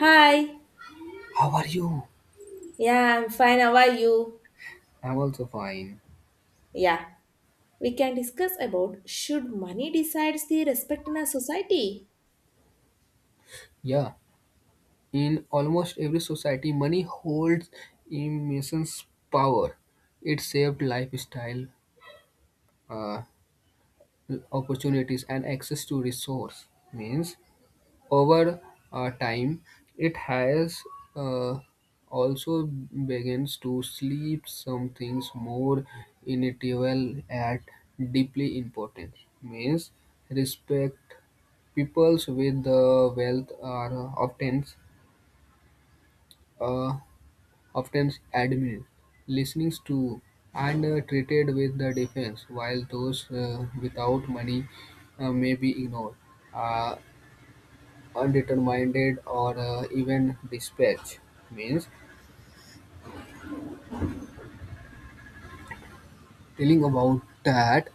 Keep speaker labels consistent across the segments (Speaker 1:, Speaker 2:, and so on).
Speaker 1: Hi.
Speaker 2: How are you?
Speaker 1: Yeah, I'm fine. How are you?
Speaker 2: I'm also fine.
Speaker 1: Yeah. We can discuss about should money decides the respect in a society?
Speaker 2: Yeah, in almost every society, money holds immense power. It shaped lifestyle, uh, opportunities, and access to resource. Means over time, it has uh, also begins to sleep some things more inevitable at deeply important. Means respect peoples with the wealth are often uh, often admired, listening to, and treated with the defense, while those without money may be ignored. Uh, Undetermined or even dispatch means telling about that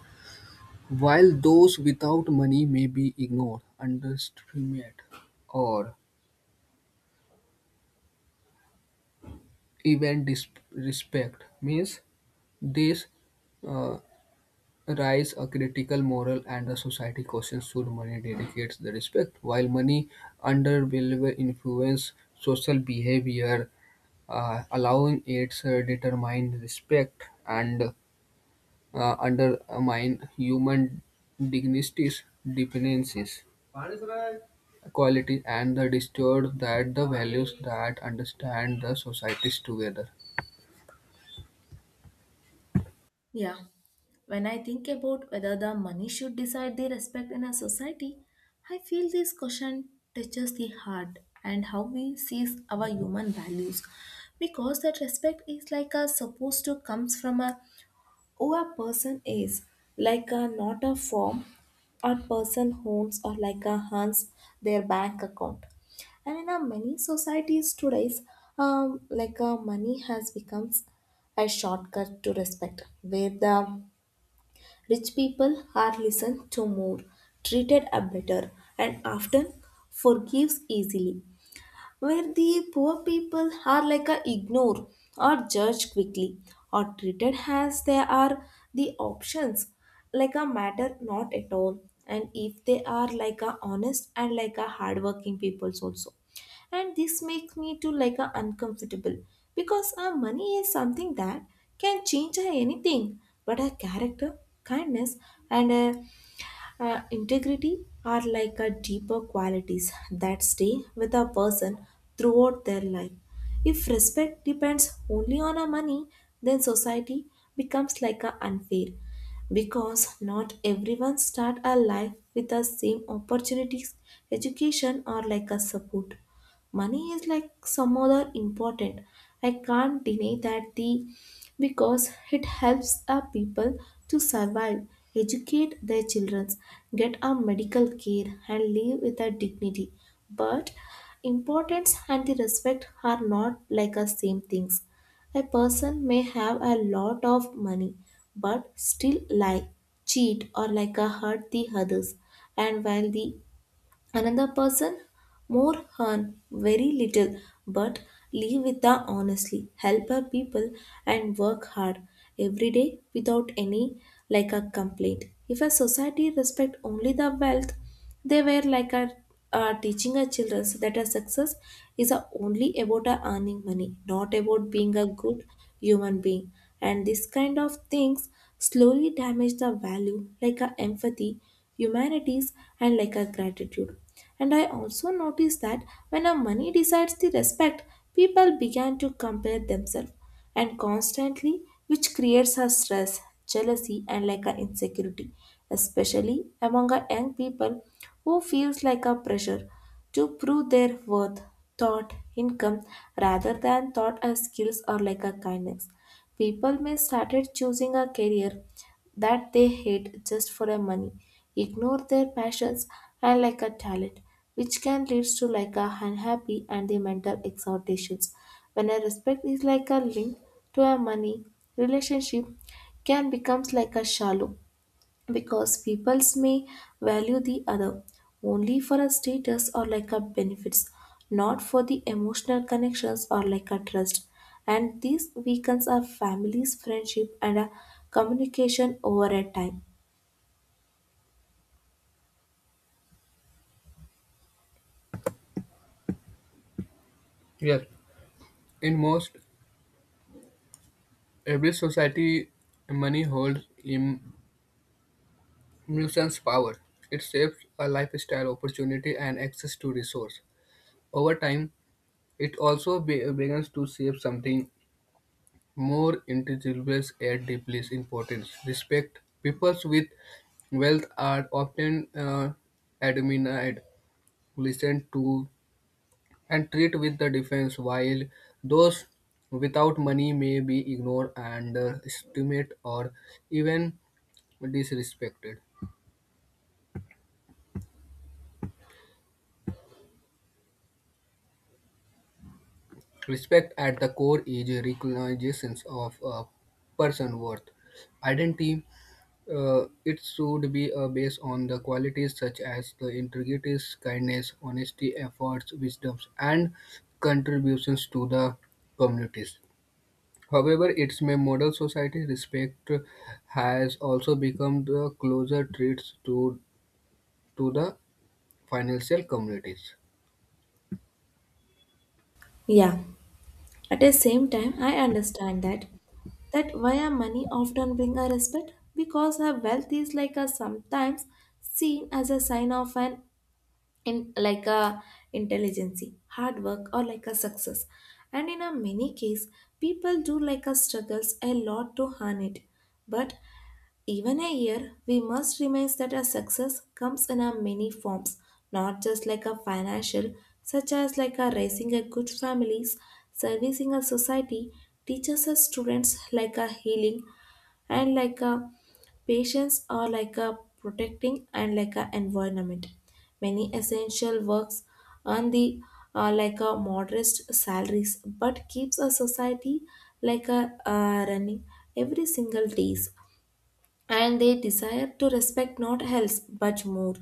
Speaker 2: while those without money may be ignored underestimated or even disrespect means this uh, rise a critical moral and the society questions should money dedicates the respect while money under will influence social behavior allowing its determined respect and undermine human dignity's dependencies, equality, and the distort that the values that understand the societies together.
Speaker 1: Yeah. When I think about whether the money should decide the respect in a society, I feel this question touches the heart and how we see our human values, because that respect is like a supposed to comes from a who a person is, like a not a form a person owns or like a hands their bank account. And in our many societies today, like money has becomes a shortcut to respect, where the rich people are listened to more, treated a better, and often forgives easily, where the poor people are like a ignored or judged quickly or treated as they are the options, like a matter not at all, and if they are like a honest and like a hardworking peoples also. And this makes me to like a uncomfortable, because our money is something that can change a anything, but a character, kindness, and a integrity are like a deeper qualities that stay with a person throughout their life. If respect depends only on our money, then society becomes like a unfair, because not everyone start a life with the same opportunities, education, or like a support. Money is like some other important. I can't deny that the, because it helps a people to survive, educate their children, get a medical care, and live with a dignity. But importance and the respect are not like the same things. A person may have a lot of money, but still lie, cheat, or like a hurt the others. And while the another person more earn very little, but live with the honestly, help her people, and work hard every day without any like a complaint. If a society respect only the wealth, they were like a teaching our children so that a success is a only about a earning money, not about being a good human being. And this kind of things slowly damage the value like a empathy, humanities, and like a gratitude. And I also noticed that when a money decides the respect, people began to compare themselves and constantly, which creates a stress, jealousy, and like an insecurity, especially among a young people who feels like a pressure to prove their worth, thought, income rather than thought as skills or like a kindness. People may started choosing a career that they hate just for a money, ignore their passions and like a talent, which can lead to like a unhappy and the mental exhortations. When a respect is like a link to a money, relationship can becomes like a shallow, because peoples may value the other only for a status or like a benefits, not for the emotional connections or like a trust. And these weakens our families friendship and a communication over a time.
Speaker 2: Yes, in most every society, money holds immense power. It shapes a lifestyle, opportunity, and access to resource. Over time, it also begins to shape something more individuals add deeply importance. Respect. People with wealth are often admired, listened to, and treated with the defense, while those without money may be ignored and estimated or even disrespected. Respect at the core is recognition of a person's worth, identity. It should be based on the qualities such as the integrity, kindness, honesty, efforts, wisdoms, and contributions to the communities. However, its may model society respect has also become the closer traits to the financial communities.
Speaker 1: Yeah, at the same time I understand that that why our money often bring a respect, because a wealth is like a sometimes seen as a sign of an, in like a intelligence, hard work, or like a success. And in a many case people do like a struggles a lot to earn it. But even a year we must remind that a success comes in a many forms, not just like a financial, such as like a raising a good families, servicing a society, teaches a students like a healing, and like a patients are like a protecting and like a environment. Many essential works earn the like a modest salaries, but keeps a society like a running every single days. And they desire to respect not else but more.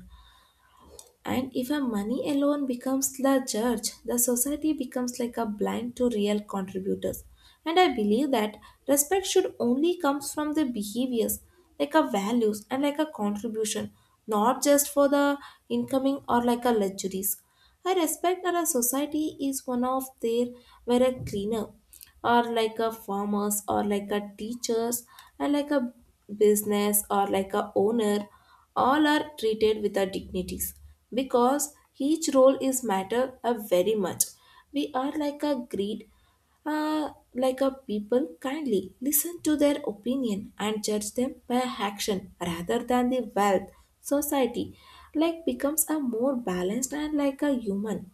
Speaker 1: And if a money alone becomes the judge, the society becomes like a blind to real contributors. And I believe that respect should only comes from the behaviors, like a values and like a contribution, not just for the incoming or like a luxuries. I respect that a society is one of their where a cleaner or like a farmers or like a teachers and like a business or like a owner, all are treated with our dignities, because each role is matter a very much. We are like a greed, like a people kindly listen to their opinion and judge them by action rather than the wealth. Society like becomes a more balanced and like a human.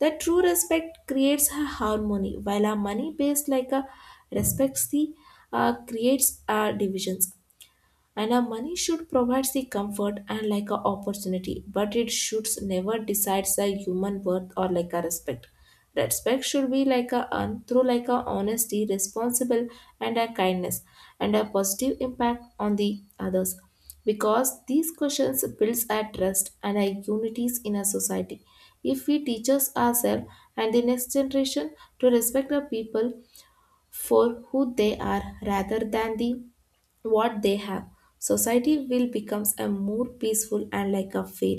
Speaker 1: The true respect creates a harmony, while a money based like a respects the, creates divisions. And our money should provide the comfort and like a opportunity, but it should never decide the human worth or like a respect. Respect should be like a earned through like a honesty responsible, and a kindness, and a positive impact on the others, because these questions builds a trust and a unities in a society, if we teaches ourselves and the next generation to respect the people for who they are rather than the what they have. Society will becomes a more peaceful and like a fair,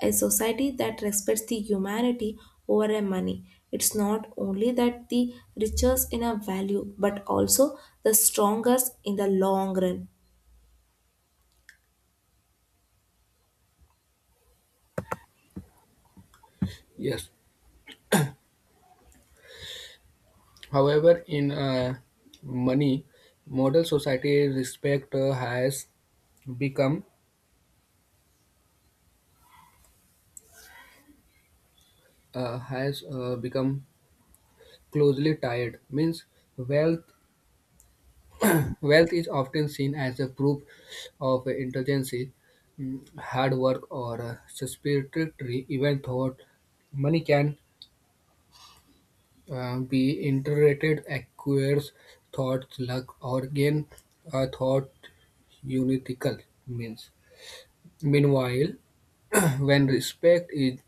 Speaker 1: a society that respects the humanity over a money. It's not only that the richest in a value, but also the strongest in the long run.
Speaker 2: Yes. However, in money model society respect become uh, has become closely tied means wealth wealth is often seen as a proof of intelligence hard work or suspiratory even thought money can be interpreted acquires thoughts luck or gain a thought unitical means meanwhile when respect is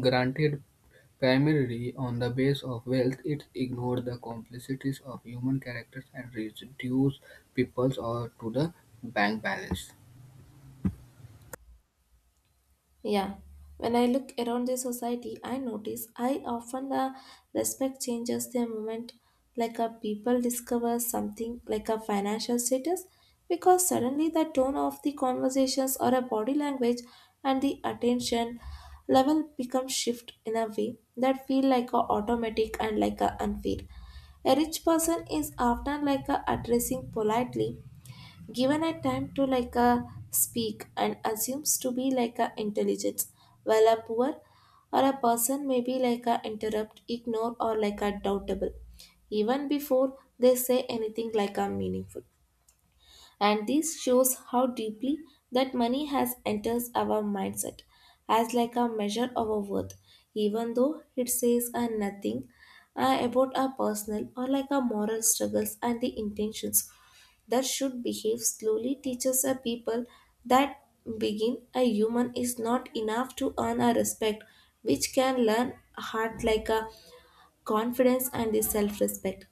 Speaker 2: granted primarily on the basis of wealth, it ignored the complexities of human characters and reduced peoples or to the bank balance.
Speaker 1: Yeah, when I look around the society, I notice I often respect changes the moment like a people discover something like a financial status, because suddenly the tone of the conversations or a body language and the attention level become shift in a way that feel like a automatic and like a unfair. A rich person is often like a addressing politely, given a time to like a speak and assumes to be like a intelligence, while a poor or a person may be like a interrupt ignore or like a doubtable, even before they say anything like a meaningful. And this shows how deeply that money has enters our mindset as like a measure of our worth, even though it says a nothing about our personal or like our moral struggles and the intentions. That should behave slowly teaches a people that begin a human is not enough to earn a respect, which can learn heart like a confidence and the self-respect.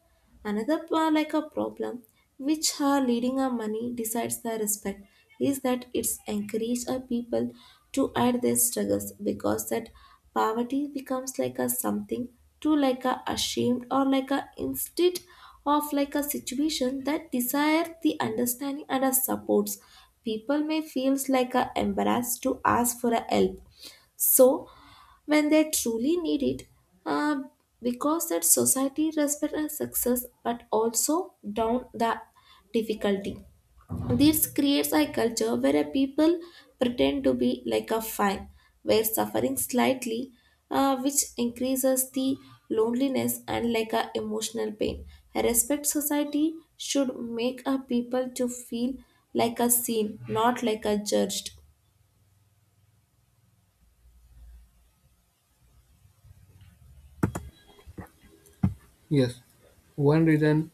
Speaker 1: Another like a problem which leading our money decides the respect is that it's encourage our people to add their struggles, because that poverty becomes like a something to like a ashamed or like a instead of like a situation that desire the understanding and a supports. People may feels like a embarrassed to ask for a help, so when they truly need it, uh, because that society respect our success but also down the difficulty. This creates a culture where a people pretend to be like a fine, where suffering slightly, which increases the loneliness and like a emotional pain. A respect society should make a people to feel like a seen, not like a judged.
Speaker 2: Yes, one reason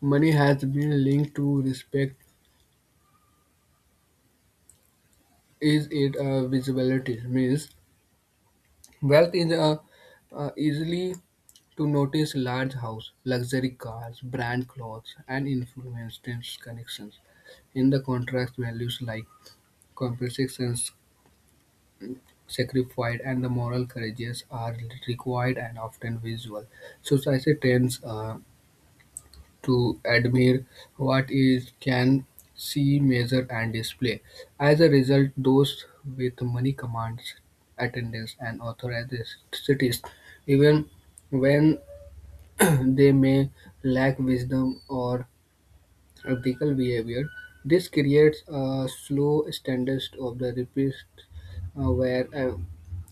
Speaker 2: money has been linked to respect is its visibility. Means wealth is easily to notice large house, luxury cars, brand clothes, and influence connections. In the contrast, values like complexions sacrifice and the moral courageous are required and often visual. Society tends to admire what is can see, measure, and display. As a result, those with money commands attendance and authorities, even when they may lack wisdom or practical behavior. This creates a slow standards of the repeats where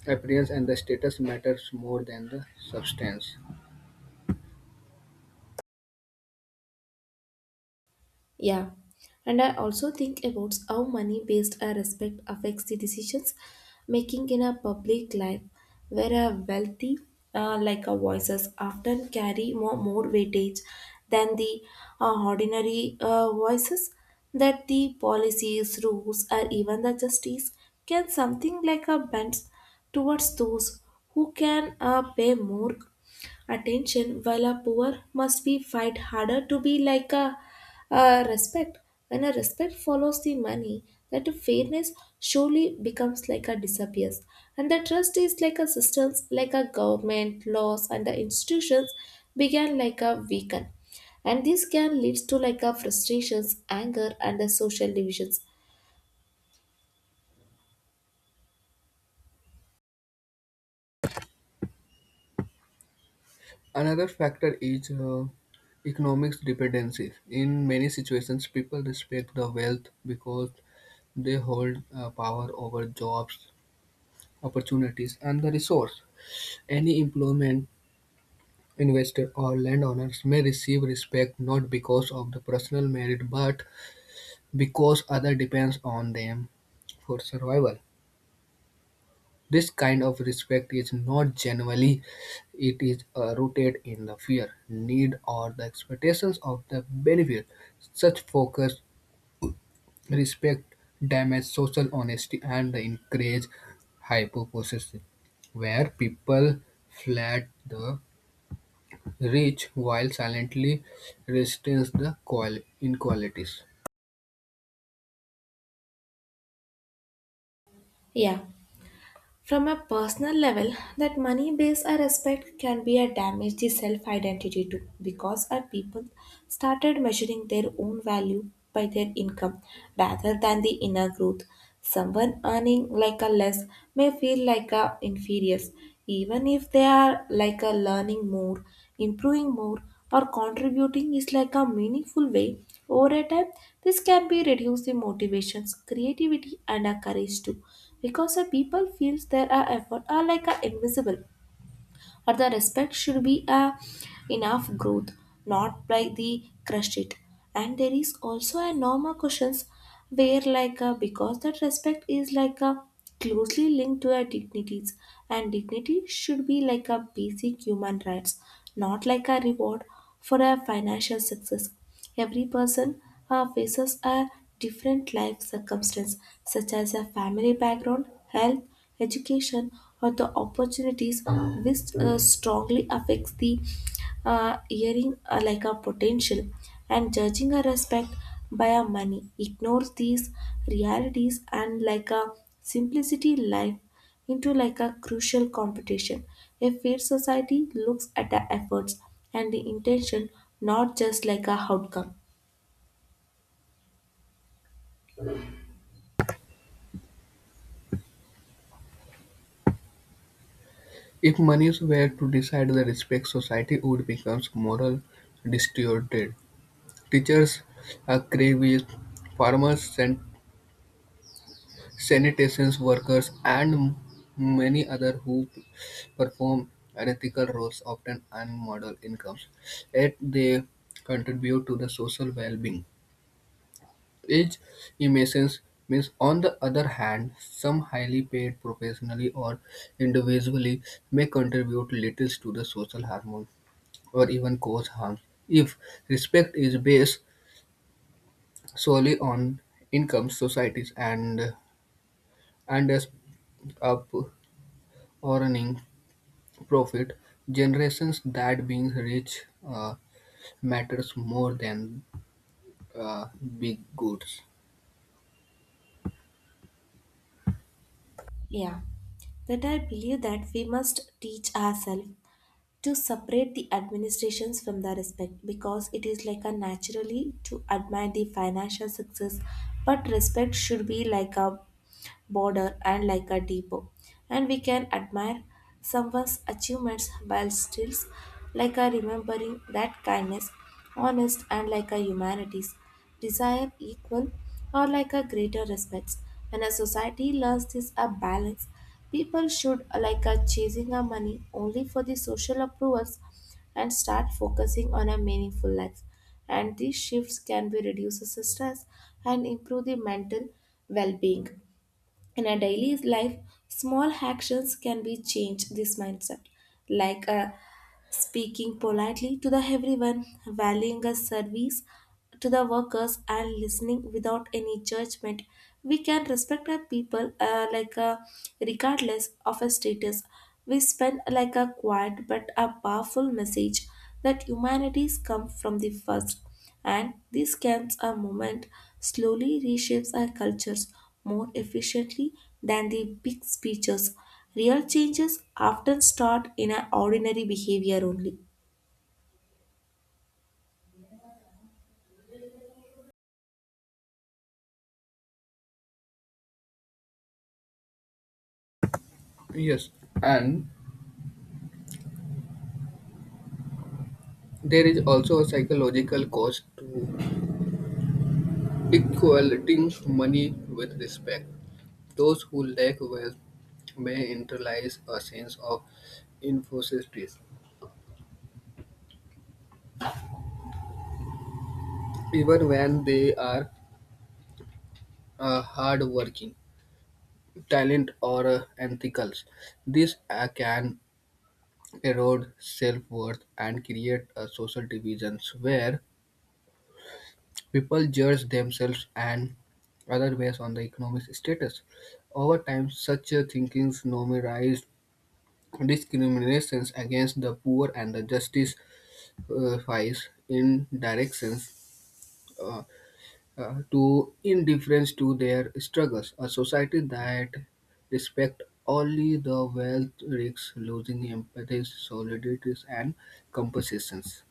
Speaker 2: appearance and the status matters more than the substance.
Speaker 1: Yeah, and I also think about how money based our respect affects the decisions making in our public life, where a wealthy, like a voices, often carry more weightage than the ordinary voices. That the policies, rules, or even the justice can something like a bend towards those who can pay more attention, while a poor must be fight harder to be like a respect. When a respect follows the money, that fairness surely becomes like a disappears, and the trust is like a systems like a government laws and the institutions began like a weaken. And this can leads to like a frustrations anger and the social divisions.
Speaker 2: Another factor is economic dependency. In many situations, people respect the wealth because they hold power over jobs, opportunities, and the resource. Any employment investor or landowners may receive respect not because of the personal merit but because other depends on them for survival. This kind of respect is not genuinely; it is rooted in the fear, need, or the expectations of the benefit. Such focus respect damages social honesty and encourage hypothesis, where people flat the rich while silently resist the inequalities.
Speaker 1: Yeah, from a personal level, that money based respect can be a damage to self identity too, because our people started measuring their own value by their income rather than the inner growth. Someone earning like a less may feel like a inferior, even if they are like a learning more, improving more, or contributing is like a meaningful way. Over a time, this can be reduce the motivations, creativity, and a courage too because the people feels their effort are like a invisible or the respect should be a enough growth not like the crushed it and there is also a normal questions where because that respect is like a closely linked to our dignities and dignity should be like a basic human rights, not like a reward for a financial success. Every person faces a different life circumstance, such as a family background, health, education, or the opportunities, which strongly affects the hearing like a potential. And judging a respect by a money ignores these realities and like a simplicity life into like a crucial competition. A fair society looks at the efforts and the intention, not just like a outcome.
Speaker 2: If monies were to decide the respect, society would become moral distorted. Teachers, activists, farmers, sanitation workers, and many others who perform unethical roles often earn model incomes, yet they contribute to the social well-being. Age emissions means on the other hand, some highly paid professionally or individually may contribute little to the social harmony or even cause harm. If respect is based solely on income, societies and as up earning profit, generations that being rich matters more than uh, big goods.
Speaker 1: Yeah, that I believe that we must teach ourselves to separate the administrations from the respect, because it is like a naturally to admire the financial success, but respect should be like a border and like a depot. And we can admire someone's achievements while still like a remembering that kindness, honest, and like a humanities desire equal or like a greater respects. When a society learns this a balance, people should like a chasing a money only for the social approvals and start focusing on a meaningful life. And these shifts can be reduce the stress and improve the mental well-being. In our daily life, small actions can be change this mindset, like uh, speaking politely to the everyone, valuing a service to the workers, and listening without any judgment. We can respect our people regardless of a status. We spend like a quiet but a powerful message that humanities come from the first, and these camps a movement slowly reshapes our cultures more efficiently than the big speeches. Real changes often start in our ordinary behavior only.
Speaker 2: Yes, and there is also a psychological cost to equating money with respect. Those who lack wealth may internalize a sense of inferiority even when they are hardworking, talent or ethical. This can erode self-worth and create social divisions where people judge themselves and other based on the economic status. Over time, such thinkings normalize discriminations against the poor and the justifies in directions uh, to indifference to their struggles. A society that respects only the wealth risks losing empathy, solidarity, and compensations.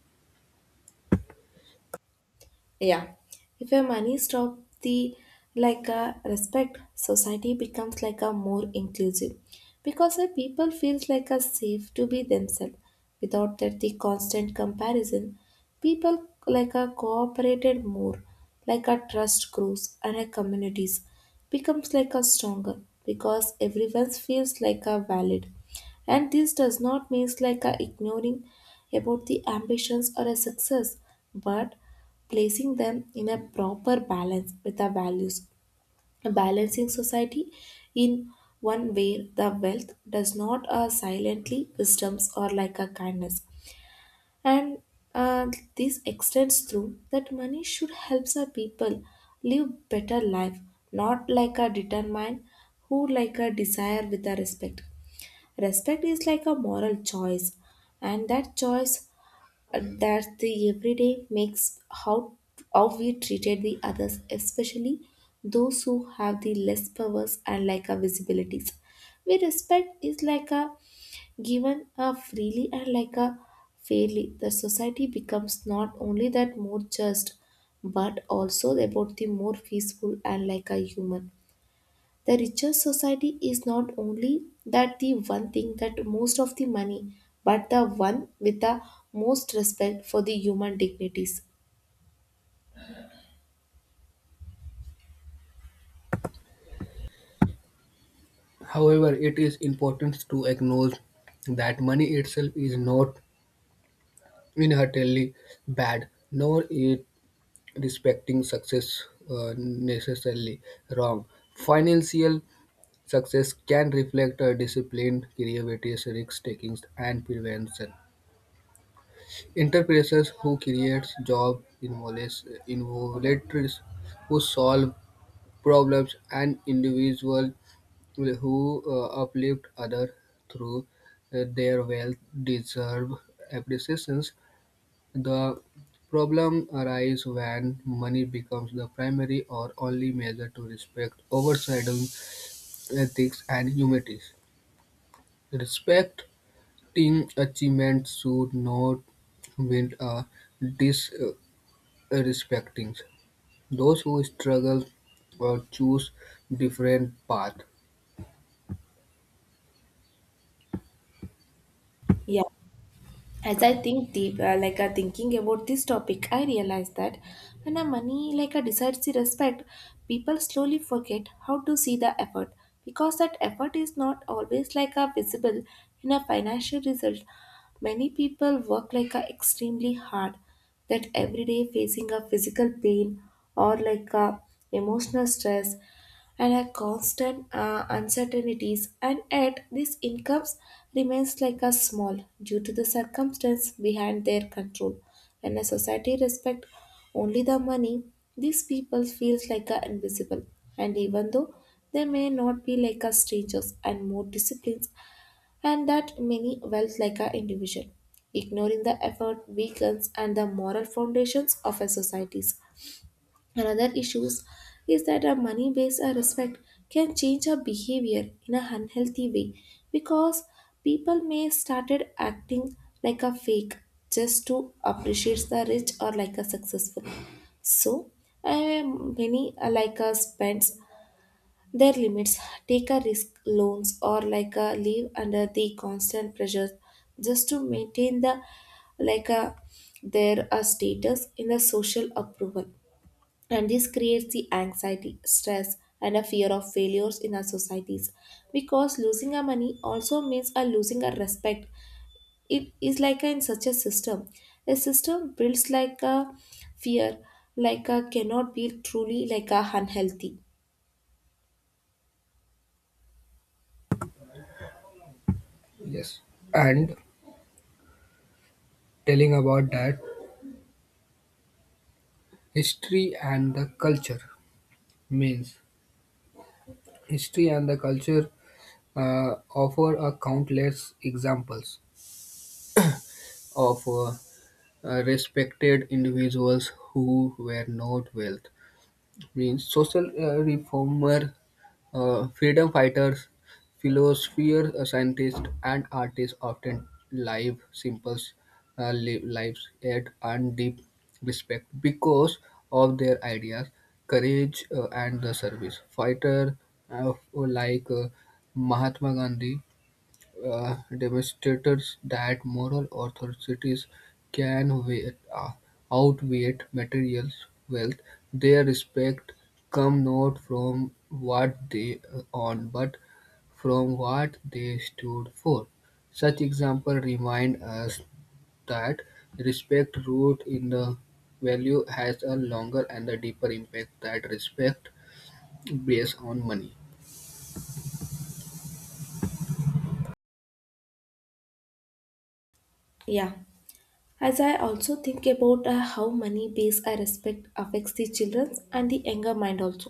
Speaker 1: Yeah, if your money stop the like a respect, society becomes like a more inclusive because the people feels like a safe to be themselves without that the constant comparison. People like a cooperated more, like a trust grows and a communities becomes like a stronger because everyone feels like a valid. And this does not means like a ignoring about the ambitions or a success, but placing them in a proper balance with our values. A balancing society in one where the wealth does not silently wisdoms or like a kindness. And uh, this extends through that money should help the people live better life, not like a determine who like a desire with a respect. Respect is like a moral choice, and that choice that the everyday makes how we treated the others, especially those who have the less powers and like our visibilities. We respect is like a given a freely and like a fairly. The society becomes not only that more just, but also about the more peaceful and like a human. The richest society is not only that the one thing that most of the money, but the one with the most respect for the human dignities.
Speaker 2: However, it is important to acknowledge that money itself is not inherently bad, nor it respecting success necessarily wrong. Financial success can reflect a discipline, creativity, risk taking, and prevention. Enterprises who create jobs involuntaries who solve problems, and individuals who uplift others through their wealth deserve appreciation. The problem arises when money becomes the primary or only measure to respect, overshadowing ethics and humanities. Respecting achievements should not with a respecting those who struggle or choose different path.
Speaker 1: Yeah. As I think deep, thinking about this topic, I realize that when a money like a decides the respect, people slowly forget how to see the effort, because that effort is not always like a visible in a financial result. Many people work like a extremely hard that every day facing a physical pain or like a emotional stress and a constant uncertainties, and yet these incomes remains like a small due to the circumstance behind their control. When a society respect only the money, these people feels like a invisible. And even though they may not be like a strangers and more disciplines and that many wealth like an individual. Ignoring the effort weakens and the moral foundations of our societies. Another issue is that a money-based respect can change our behavior in an unhealthy way, because people may started acting like a fake just to appreciate the rich or like a successful. So, many like us spends their limits, take a risk loans or like a live under the constant pressures, just to maintain the like a their status in the social approval. And this creates the anxiety stress and a fear of failures in our societies because losing our money also means a losing our respect. It is like a, in such a system, a system builds like a fear, like a cannot be truly like a unhealthy.
Speaker 2: Yes, and telling about that history and the culture means history and the culture offer a countless examples of respected individuals who were not wealth means social reformer, freedom fighters, philosophers, scientists, and artists often live simple uh, lives yet and deep respect because of their ideas, courage, and the service. Fighter like Mahatma Gandhi demonstrates that moral authorities can outweigh material wealth. Their respect come not from what they own, but from what they stood for. Such examples remind us that respect rooted in the value has a longer and a deeper impact than respect based on money.
Speaker 1: Yeah, as I also think about how money based I respect affects the children's and the younger mind also,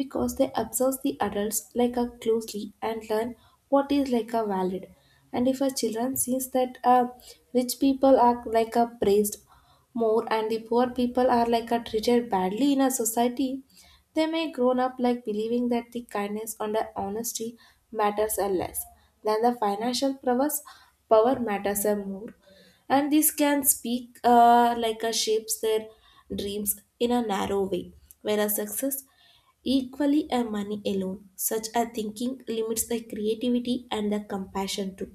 Speaker 1: because they observe the adults like a closely and learn what is like a valid. And if a children sees that rich people are like a praised more and the poor people are like a treated badly in a society, they may grown up like believing that the kindness and the honesty matters a less than the financial prowess. Power matters a more, and this can speak like a shapes their dreams in a narrow way, whereas success equally a money alone. Such a thinking limits the creativity and the compassion too.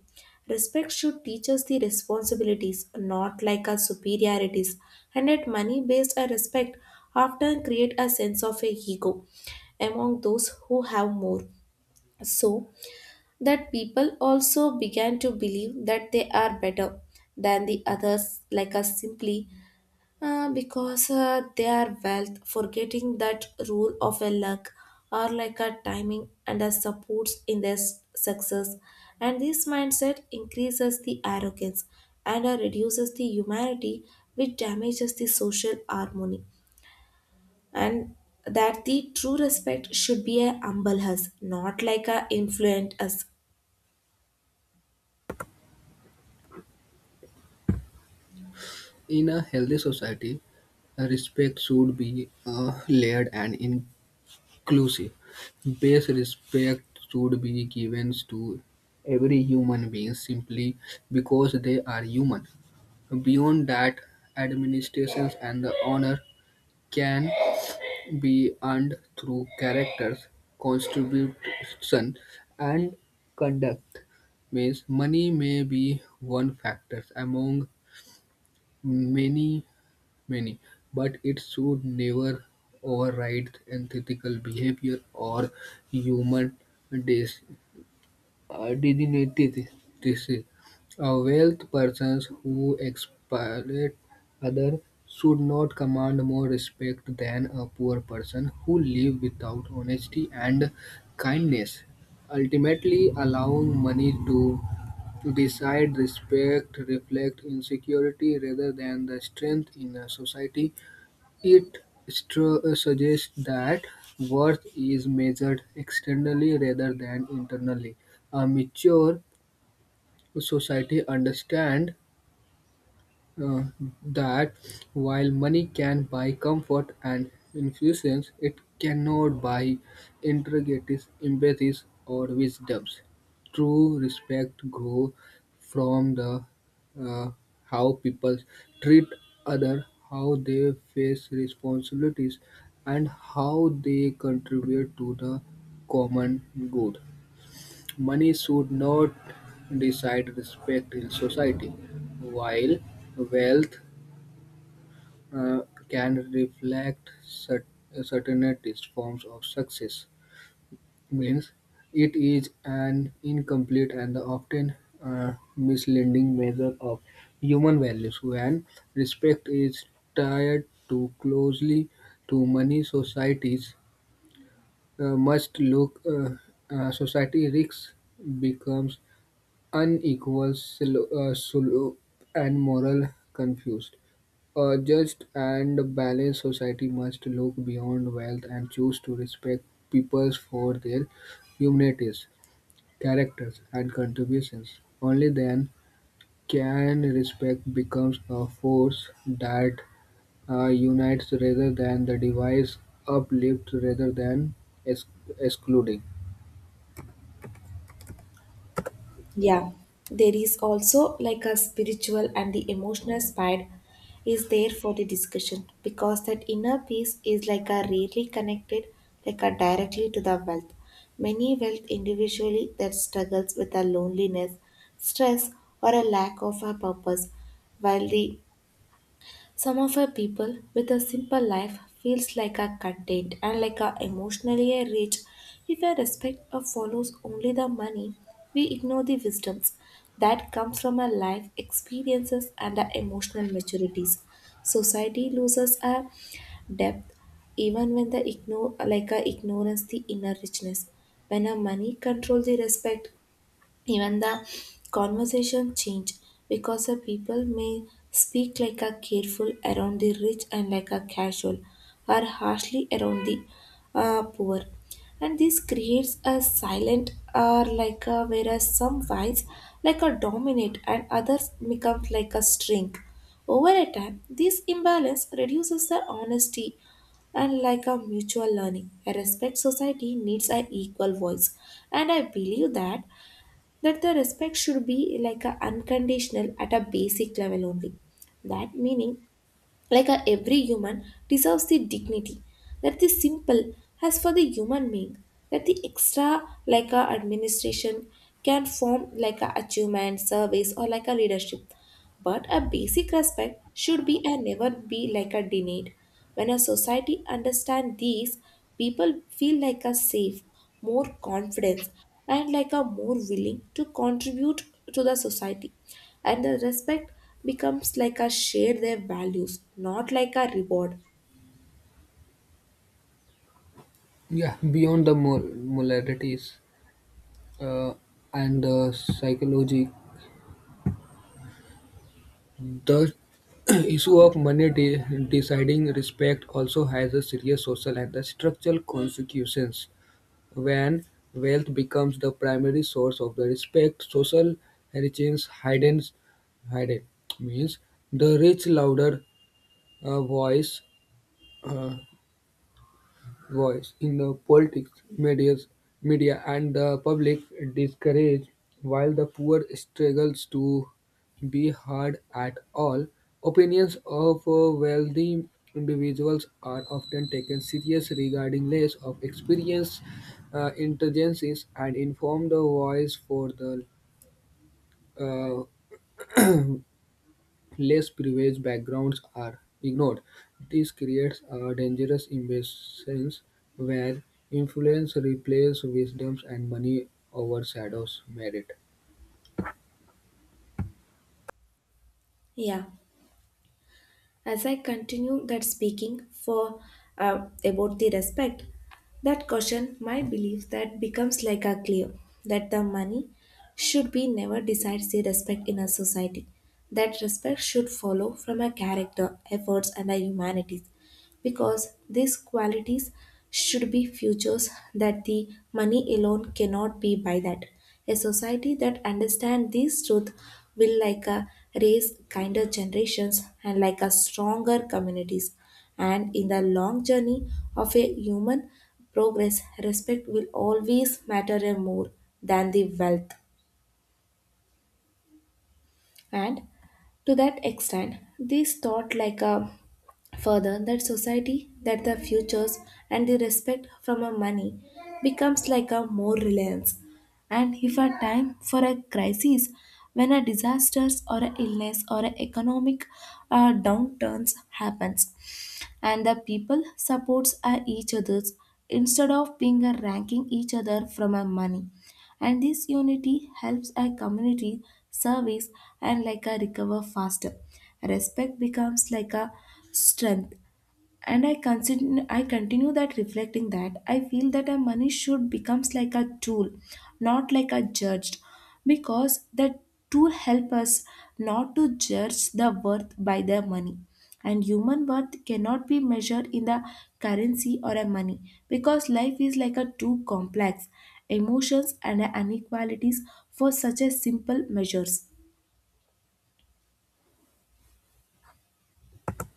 Speaker 1: Respect should teach us the responsibilities, not like our superiorities. And yet money based respect often create a sense of a ego among those who have more, so that people also began to believe that they are better than the others, like us simply because they are wealth, forgetting that rule of a luck or like a timing and a supports in their success. And this mindset increases the arrogance and reduces the humanity, which damages the social harmony. And that the true respect should be a humble us, not like a influent us.
Speaker 2: In a healthy society, a respect should be layered and inclusive. Base respect should be given to every human being simply because they are human. Beyond that, administrations and the honor can be earned through characters, contribution, and conduct means money may be one factor among many many, but it should never override ethical behavior or human dis- dignity. This is a wealth persons who exploit others should not command more respect than a poor person who live without honesty and kindness. Ultimately, allowing money to decide respect reflect insecurity rather than the strength in a society it suggests that worth is measured externally rather than internally; a mature society understands uh, that while money can buy comfort and infusions, it cannot buy integrities, empathies, or wisdoms. True respect grows from the uh, how people treat other, how they face responsibilities, and how they contribute to the common good. Money should not decide respect in society, while wealth uh, can reflect certainist forms of success means it is an incomplete and often misleading measure of human values when respect is tied too closely to money societies must look society risks becomes unequal, slow, and moral confused. A just and balanced society must look beyond wealth and choose to respect peoples for their humanities, characters, and contributions. Only then can respect becomes a force that unites rather than the device uplifts rather than ex- excluding.
Speaker 1: Yeah, there is also like a spiritual and the emotional side is there for the discussion, because that inner peace is like a really connected like a directly to the wealth. Many wealth individually that struggles with a loneliness, stress, or a lack of a purpose, while the some of our people with a simple life feels like a content and like a emotionally a rich. If our respect or follows only the money, we ignore the wisdoms that comes from our life experiences and our emotional maturities. Society loses a depth even when the ignore like a ignorance the inner richness. When our money controls the respect, even the conversation change, because the people may speak like a careful around the rich and like a casual or harshly around the poor. And this creates a silent or like a whereas some wise like a dominate and others become like a string. Over a time, this imbalance reduces the honesty and like a mutual learning. A respect society needs an equal voice. And I believe that that the respect should be like a unconditional at a basic level only, that meaning like a every human deserves the dignity that the simple has for the human being, that the extra like a administration can form like a achievement service or like a leadership, but a basic respect should be and never be like a denied. When a society understand these, people feel like a safe, more confidence, and like a more willing to contribute to the society. And the respect becomes like a share their values, not like a reward.
Speaker 2: Yeah, beyond the moralities. uh, and psychology. The issue of money deciding respect also has a serious social and the structural consequences. When wealth becomes the primary source of the respect, social heritage heightens. Heighten means the rich louder uh, voice. uh, voice in the politics, medias, media and the public discouraged while the poor struggles to be heard at all. Opinions of wealthy individuals are often taken serious regarding less of experience, intelligences and informed voice for the uh, less privileged backgrounds are ignored. This creates a dangerous imbalance where influence replaces wisdoms and money overshadows merit.
Speaker 1: Yeah, as I continue that speaking for about the respect, that question my belief that becomes like a clear, that the money should be never decides the respect in a society. That respect should follow from a character efforts and a humanities, because these qualities should be futures that the money alone cannot be by that. A society that understands these truth will like a raise kinder generations and like a stronger communities. And in the long journey of a human progress, respect will always matter more than the wealth. And to that extent, these thought like a further that society, that the futures and the respect from a money becomes like a more reliance. And if a time for a crisis, when a disasters or a illness or a economic downturns happens, and the people supports each others instead of being a ranking each other from a money, and this unity helps a community service and like a recover faster. Respect becomes like a strength. And I consider I continue that reflecting that I feel that a money should becomes like a tool, not like a judged, because the tool help us not to judge the worth by the money. And human worth cannot be measured in the currency or a money, because life is like a too complex emotions and inequalities for such a simple measures.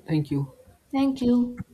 Speaker 2: Thank you.
Speaker 1: Thank you.